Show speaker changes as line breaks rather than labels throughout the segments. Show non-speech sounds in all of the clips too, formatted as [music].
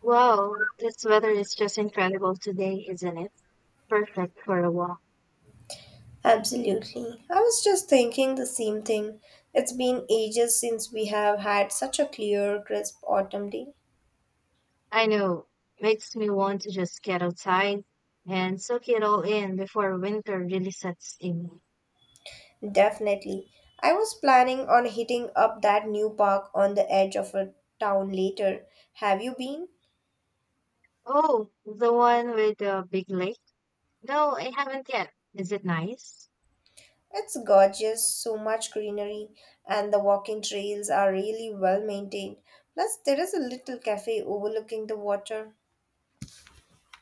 Wow, this weather is just incredible today, isn't it? Perfect for a walk.
Absolutely. I was just thinking the same thing. It's been ages since we have had such a clear, crisp autumn day.
I know, makes me want to just get outside and soak it all in before winter really sets in.
Definitely. I was planning on hitting up that new park on the edge of a town later. Have you been?
Oh, the one with the big lake? No, I haven't yet. Is it nice?
It's gorgeous, so much greenery, and the walking trails are really well maintained. Plus, there is a little cafe overlooking the water.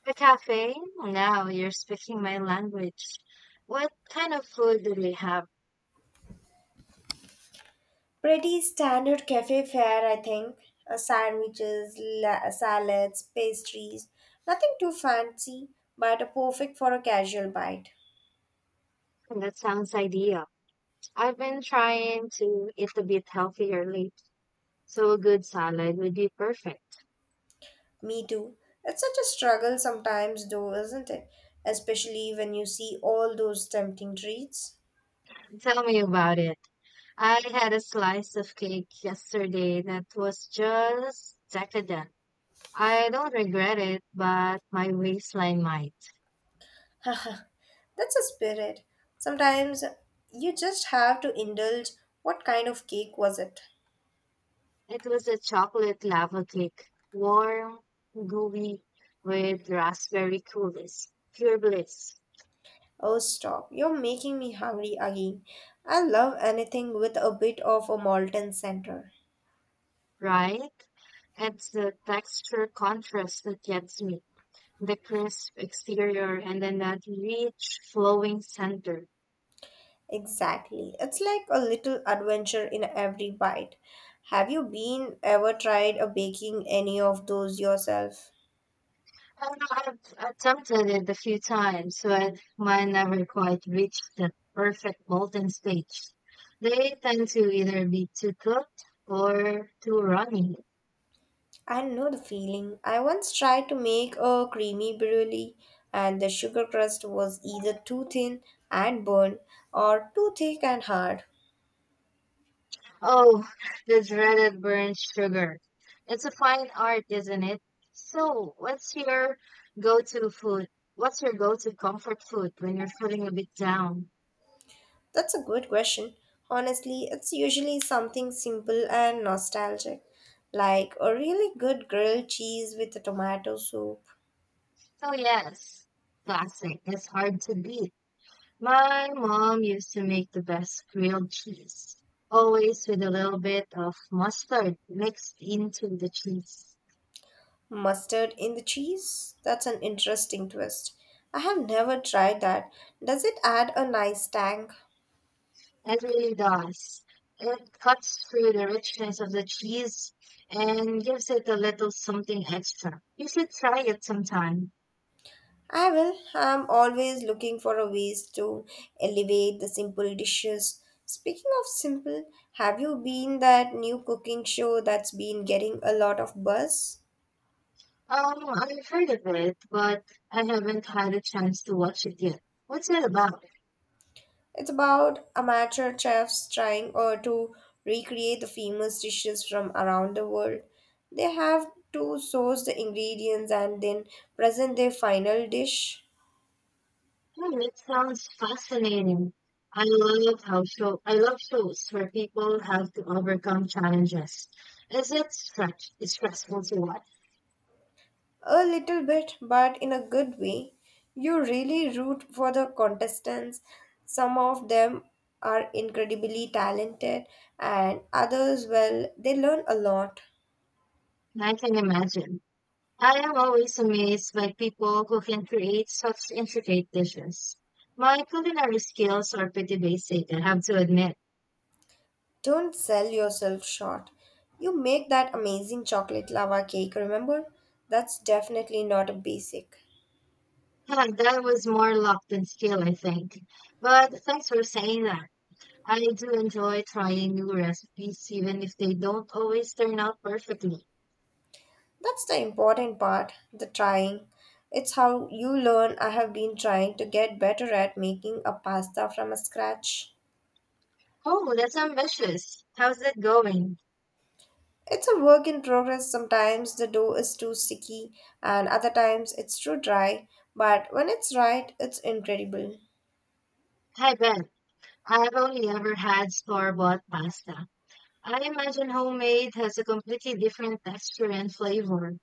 The cafe? Now you're speaking my language. What kind of food do they have?
Pretty standard cafe fare, I think. Sandwiches, salads, pastries. Nothing too fancy, but perfect for a casual bite.
That sounds ideal. I've been trying to eat a bit healthier lately, so a good salad would be perfect.
Me too. It's such a struggle sometimes, though, isn't it? Especially when you see all those tempting treats.
Tell me about it. I had a slice of cake yesterday that was just decadent. I don't regret it, but my waistline might.
[laughs] Haha, that's a spirit. Sometimes you just have to indulge. What kind of cake was it?
It was a chocolate lava cake, warm, gooey, with raspberry coulis. Pure bliss,
Oh, stop. You're making me hungry again. I love anything with a bit of a molten center.
right? It's the texture contrast that gets me. The crisp exterior and then that rich flowing center.
Exactly. It's like a little adventure in every bite. Have you been ever tried a baking any of those yourself?
I know I've attempted it a few times, but mine never quite reached the perfect molten stage. They tend to either be too cooked or too runny.
I know the feeling. I once tried to make a creamy brulee, and the sugar crust was either too thin and burned or too thick and hard.
Oh, the dreaded burnt sugar. It's a fine art, isn't it? So, go-to food? What's your go-to comfort food when you're feeling a bit down?
That's a good question. Honestly, it's usually something simple and nostalgic, like a really good grilled cheese with a tomato soup,
Oh, yes, classic. It's hard to beat. My mom used to make the best grilled cheese, always with a little bit of mustard mixed into the cheese.
mustard in the cheese. That's an interesting twist. I have never tried that. Does it add a nice tang?
It really does. It cuts through the richness of the cheese and gives it a little something extra. You should try it sometime.
I will. I'm always looking for a ways to elevate the simple dishes. Speaking of simple, have you been that new cooking show that's been getting a lot of buzz?
I've heard of it, but I haven't had a chance to watch it yet. What's it about?
It's about amateur chefs trying to recreate the famous dishes from around the world. They have to source the ingredients and then present their final dish.
Hmm, it sounds fascinating. I love shows where people have to overcome challenges. Is it stressful to watch?
A little bit, but in a good way. You really root for the contestants. Some of them are incredibly talented, and others, well, they learn a lot.
I can imagine. I am always amazed by people who can create such intricate dishes. My culinary skills are pretty basic, I have to admit. [laughs]
Don't sell yourself short. You make that amazing chocolate lava cake, remember? That's definitely not a basic.
Huh, that was more luck than skill, I think. But thanks for saying that. I do enjoy trying new recipes even if they don't always turn out perfectly.
That's the important part, the trying. It's how you learn. I have been trying to get better at making a pasta from scratch.
Oh, that's ambitious. How's that going?
It's a work in progress. Sometimes the dough is too sticky, and other times it's too dry. But when it's right, it's incredible.
I bet. I have only ever had store-bought pasta. I imagine homemade has a completely different texture and flavor.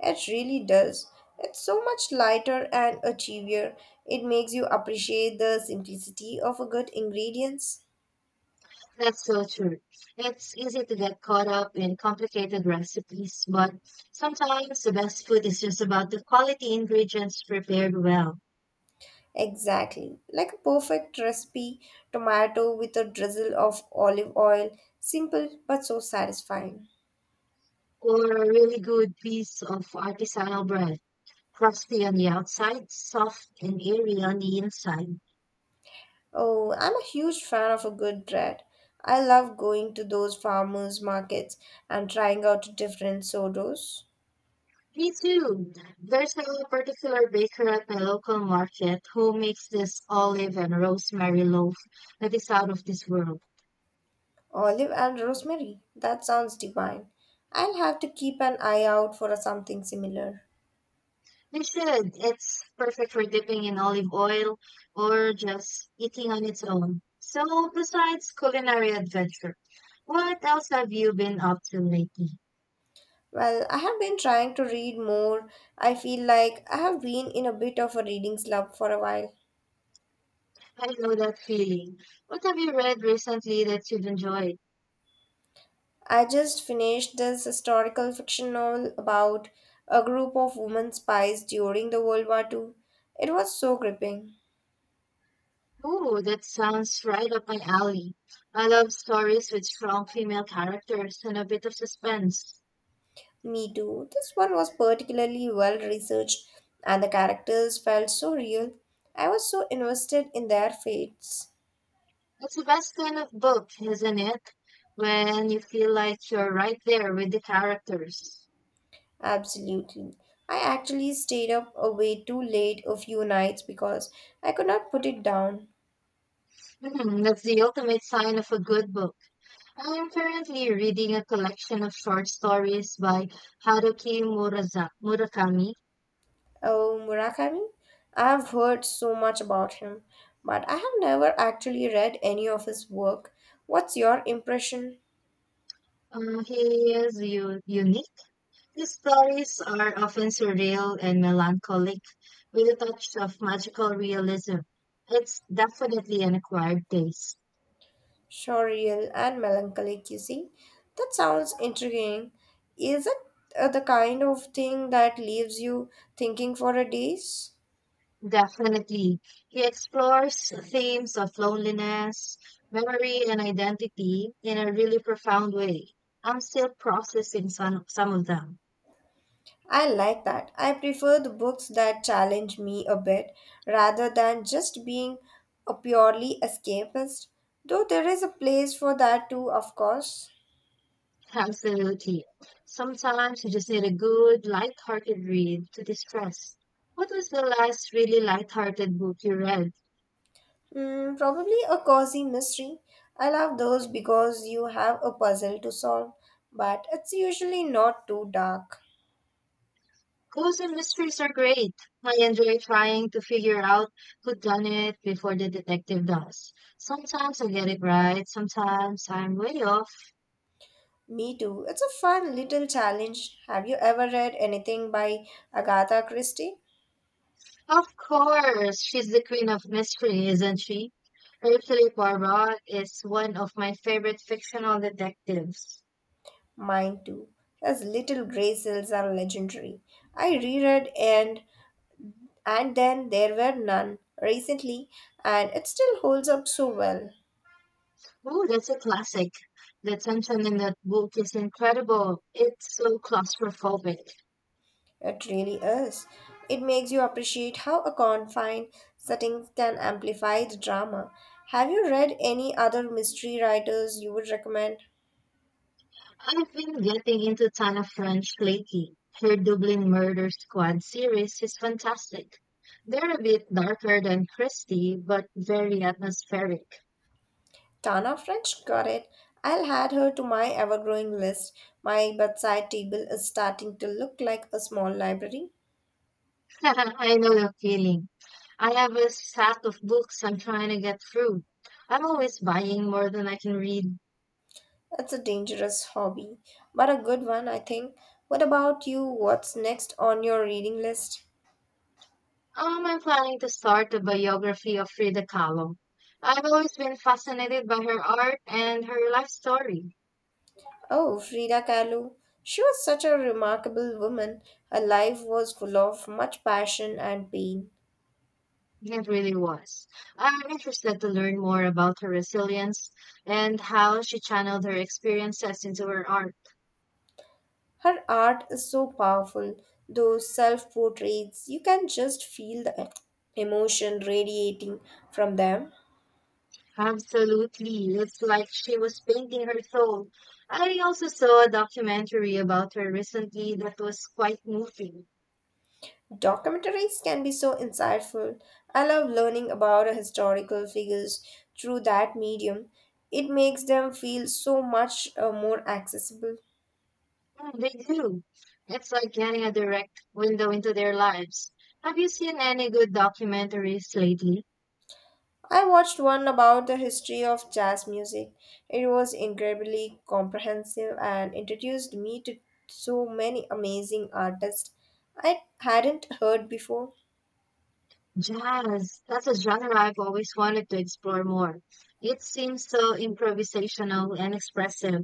It really does. It's so much lighter and achievier. It makes you appreciate the simplicity of a good ingredients.
That's so true. It's easy to get caught up in complicated recipes, but sometimes the best food is just about the quality ingredients prepared well,
Exactly. Like a perfect recipe, tomato with a drizzle of olive oil. Simple but so satisfying.
or a really good piece of artisanal bread, crusty on the outside, soft and airy on the inside.
Oh, I'm a huge fan of a good bread. I love going to those farmers markets and trying out different sourdough.
Me too. There's a particular baker at my local market who makes this olive and rosemary loaf that is out of this world.
Olive and rosemary. That sounds divine. I'll have to keep an eye out for something similar.
You should. It's perfect for dipping in olive oil or just eating on its own. So, besides culinary adventure, what else have you been up to lately?
Well, I have been trying to read more. I feel like I have been in a bit of a reading slump for a while.
I know that feeling. What have you read recently that you've enjoyed?
I just finished this historical fiction novel about a group of women spies during the World War Two. It was so gripping.
Oh, that sounds right up my alley. I love stories with strong female characters and a bit of suspense.
Me too. This one was particularly well researched and the characters felt so real. I was so invested in their fates.
It's the best kind of book, isn't it? When you feel like you're right there with the characters.
Absolutely. I actually stayed up way too late a few nights because I could not put it down.
Hmm, that's the ultimate sign of a good book. I'm currently reading a collection of short stories by Murakami.
Oh, Murakami? I've heard so much about him, but I have never actually read any of his work. What's your impression?
He is unique. His stories are often surreal and melancholic, with a touch of magical realism. It's definitely an acquired taste.
Surreal and melancholic, you see? That sounds intriguing. Is it the kind of thing that leaves you thinking for a days?
Definitely. He explores themes of loneliness, memory, and identity in a really profound way. I'm still processing some of them.
I like that. I prefer the books that challenge me a bit rather than just being a purely escapist. Though there is a place for that too, of course.
Absolutely. Sometimes you just need a good, light-hearted read to distress. What was the last really light-hearted book you read?
Mm, probably a cozy mystery. I love those because you have a puzzle to solve, but it's usually not too dark.
Clues and mysteries are great. I enjoy trying to figure out who done it before the detective does. Sometimes I get it right, sometimes I'm way off.
Me too. It's a fun little challenge. Have you ever read anything by Agatha Christie?
Of course, she's the queen of mystery, isn't she? Hercule Poirot is one of my favorite fictional detectives.
Mine too. His Little Grey Cells are legendary. I reread and then there were none recently, and it still holds up so well.
Oh, that's a classic. The tension in that book is incredible. It's so claustrophobic.
It really is. It makes you appreciate how a confined setting can amplify the drama. Have you read any other mystery writers you would recommend?
I've been getting into a ton of French lately. Her Dublin Murder Squad series is fantastic. They're a bit darker than Christie, but very atmospheric.
Tana French got it. I'll add her to my ever growing list. My bedside table is starting to look like a small library.
[laughs] I know the feeling. I have a stack of books I'm trying to get through. I'm always buying more than I can read.
It's a dangerous hobby, but a good one, I think. What about you? What's next on your reading list?
I'm planning to start a biography of Frida Kahlo. I've always been fascinated by her art and her life story.
Oh, Frida Kahlo. She was such a remarkable woman. Her life was full of much passion and pain.
It really was. I'm interested to learn more about her resilience and how she channeled her experiences into her art.
Her art is so powerful. Those self portraits, you can just feel the emotion radiating from them.
Absolutely. It's like she was painting her soul. I also saw a documentary about her recently that was quite moving.
Documentaries can be so insightful. I love learning about historical figures through that medium. It makes them feel so much more accessible.
Mm, they do. It's like getting a direct window into their lives. Have you seen any good documentaries lately?
I watched one about the history of jazz music. It was incredibly comprehensive and introduced me to so many amazing artists I hadn't heard before.
Jazz, that's a genre I've always wanted to explore more. It seems so improvisational and expressive.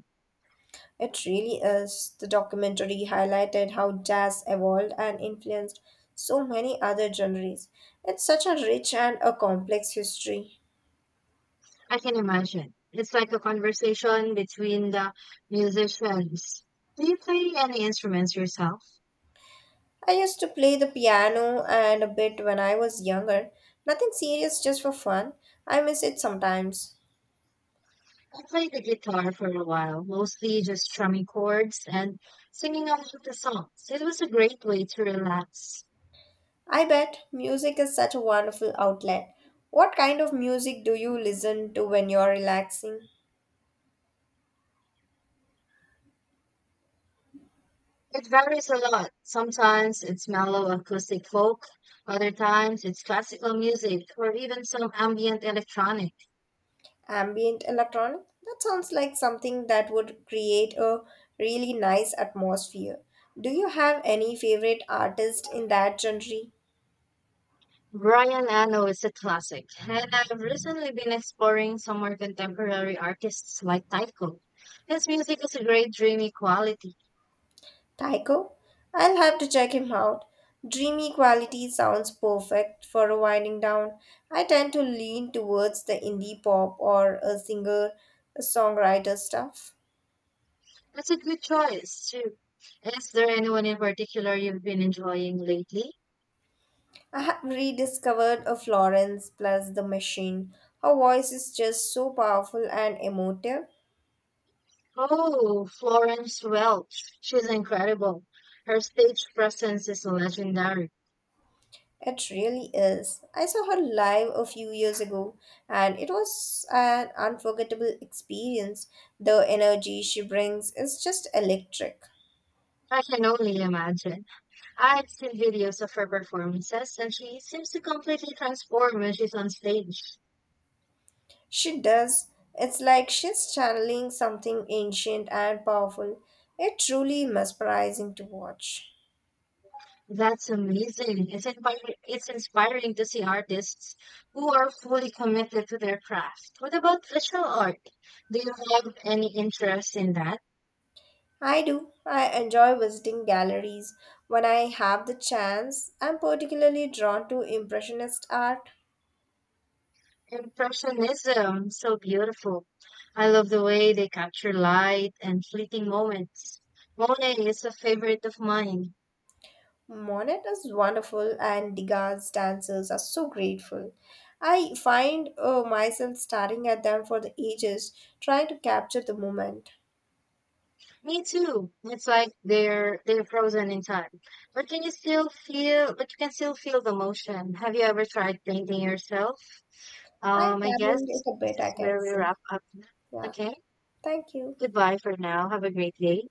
It really is. The documentary highlighted how jazz evolved and influenced so many other genres. It's such a rich and a complex history.
I can imagine. It's like a conversation between the musicians. Do you play any instruments yourself?
I used to play the piano and a bit when I was younger. Nothing serious, just for fun. I miss it sometimes.
I played the guitar for a while, mostly just strumming chords and singing along with the songs. It was a great way to relax.
I bet music is such a wonderful outlet. What kind of music do you listen to when you're relaxing?
It varies a lot. Sometimes it's mellow acoustic folk, other times it's classical music or even some ambient electronic.
Ambient electronic? That sounds like something that would create a really nice atmosphere. Do you have any favorite artist in that genre?
Brian Eno is a classic, and I've recently been exploring some more contemporary artists like Tycho. His music has a great dreamy quality.
Tycho? I'll have to check him out. Dreamy quality sounds perfect for a winding down. I tend to lean towards the indie pop or a singer songwriter stuff.
That's a good choice, too. Is there anyone in particular you've been enjoying lately?
I have rediscovered a Florence plus the machine. Her voice is just so powerful and emotive.
Oh, Florence Welch. She's incredible. Her stage presence is legendary.
It really is. I saw her live a few years ago and it was an unforgettable experience. The energy she brings is just electric.
I can only imagine. I've seen videos of her performances, and she seems to completely transform when she's on stage.
She does. It's like she's channeling something ancient and powerful. It's truly mesmerizing to watch.
That's amazing. It's inspiring to see artists who are fully committed to their craft. What about visual art? Do you have any interest in that?
I do. I enjoy visiting galleries when I have the chance. I'm particularly drawn to Impressionist art.
Impressionism, so beautiful. I love the way they capture light and fleeting moments. Monet is a favorite of mine.
Monet is wonderful, and Degas' dancers are so grateful. I find myself staring at them for the ages, trying to capture the moment.
Me too. It's like they're frozen in time. But you can still feel the motion. Have you ever tried painting yourself?
I
I guess
dabbled it a
this
bit, I
is
can
where we
see.
wrap up.
Yeah,
Okay.
thank you.
Goodbye for now. Have a great day.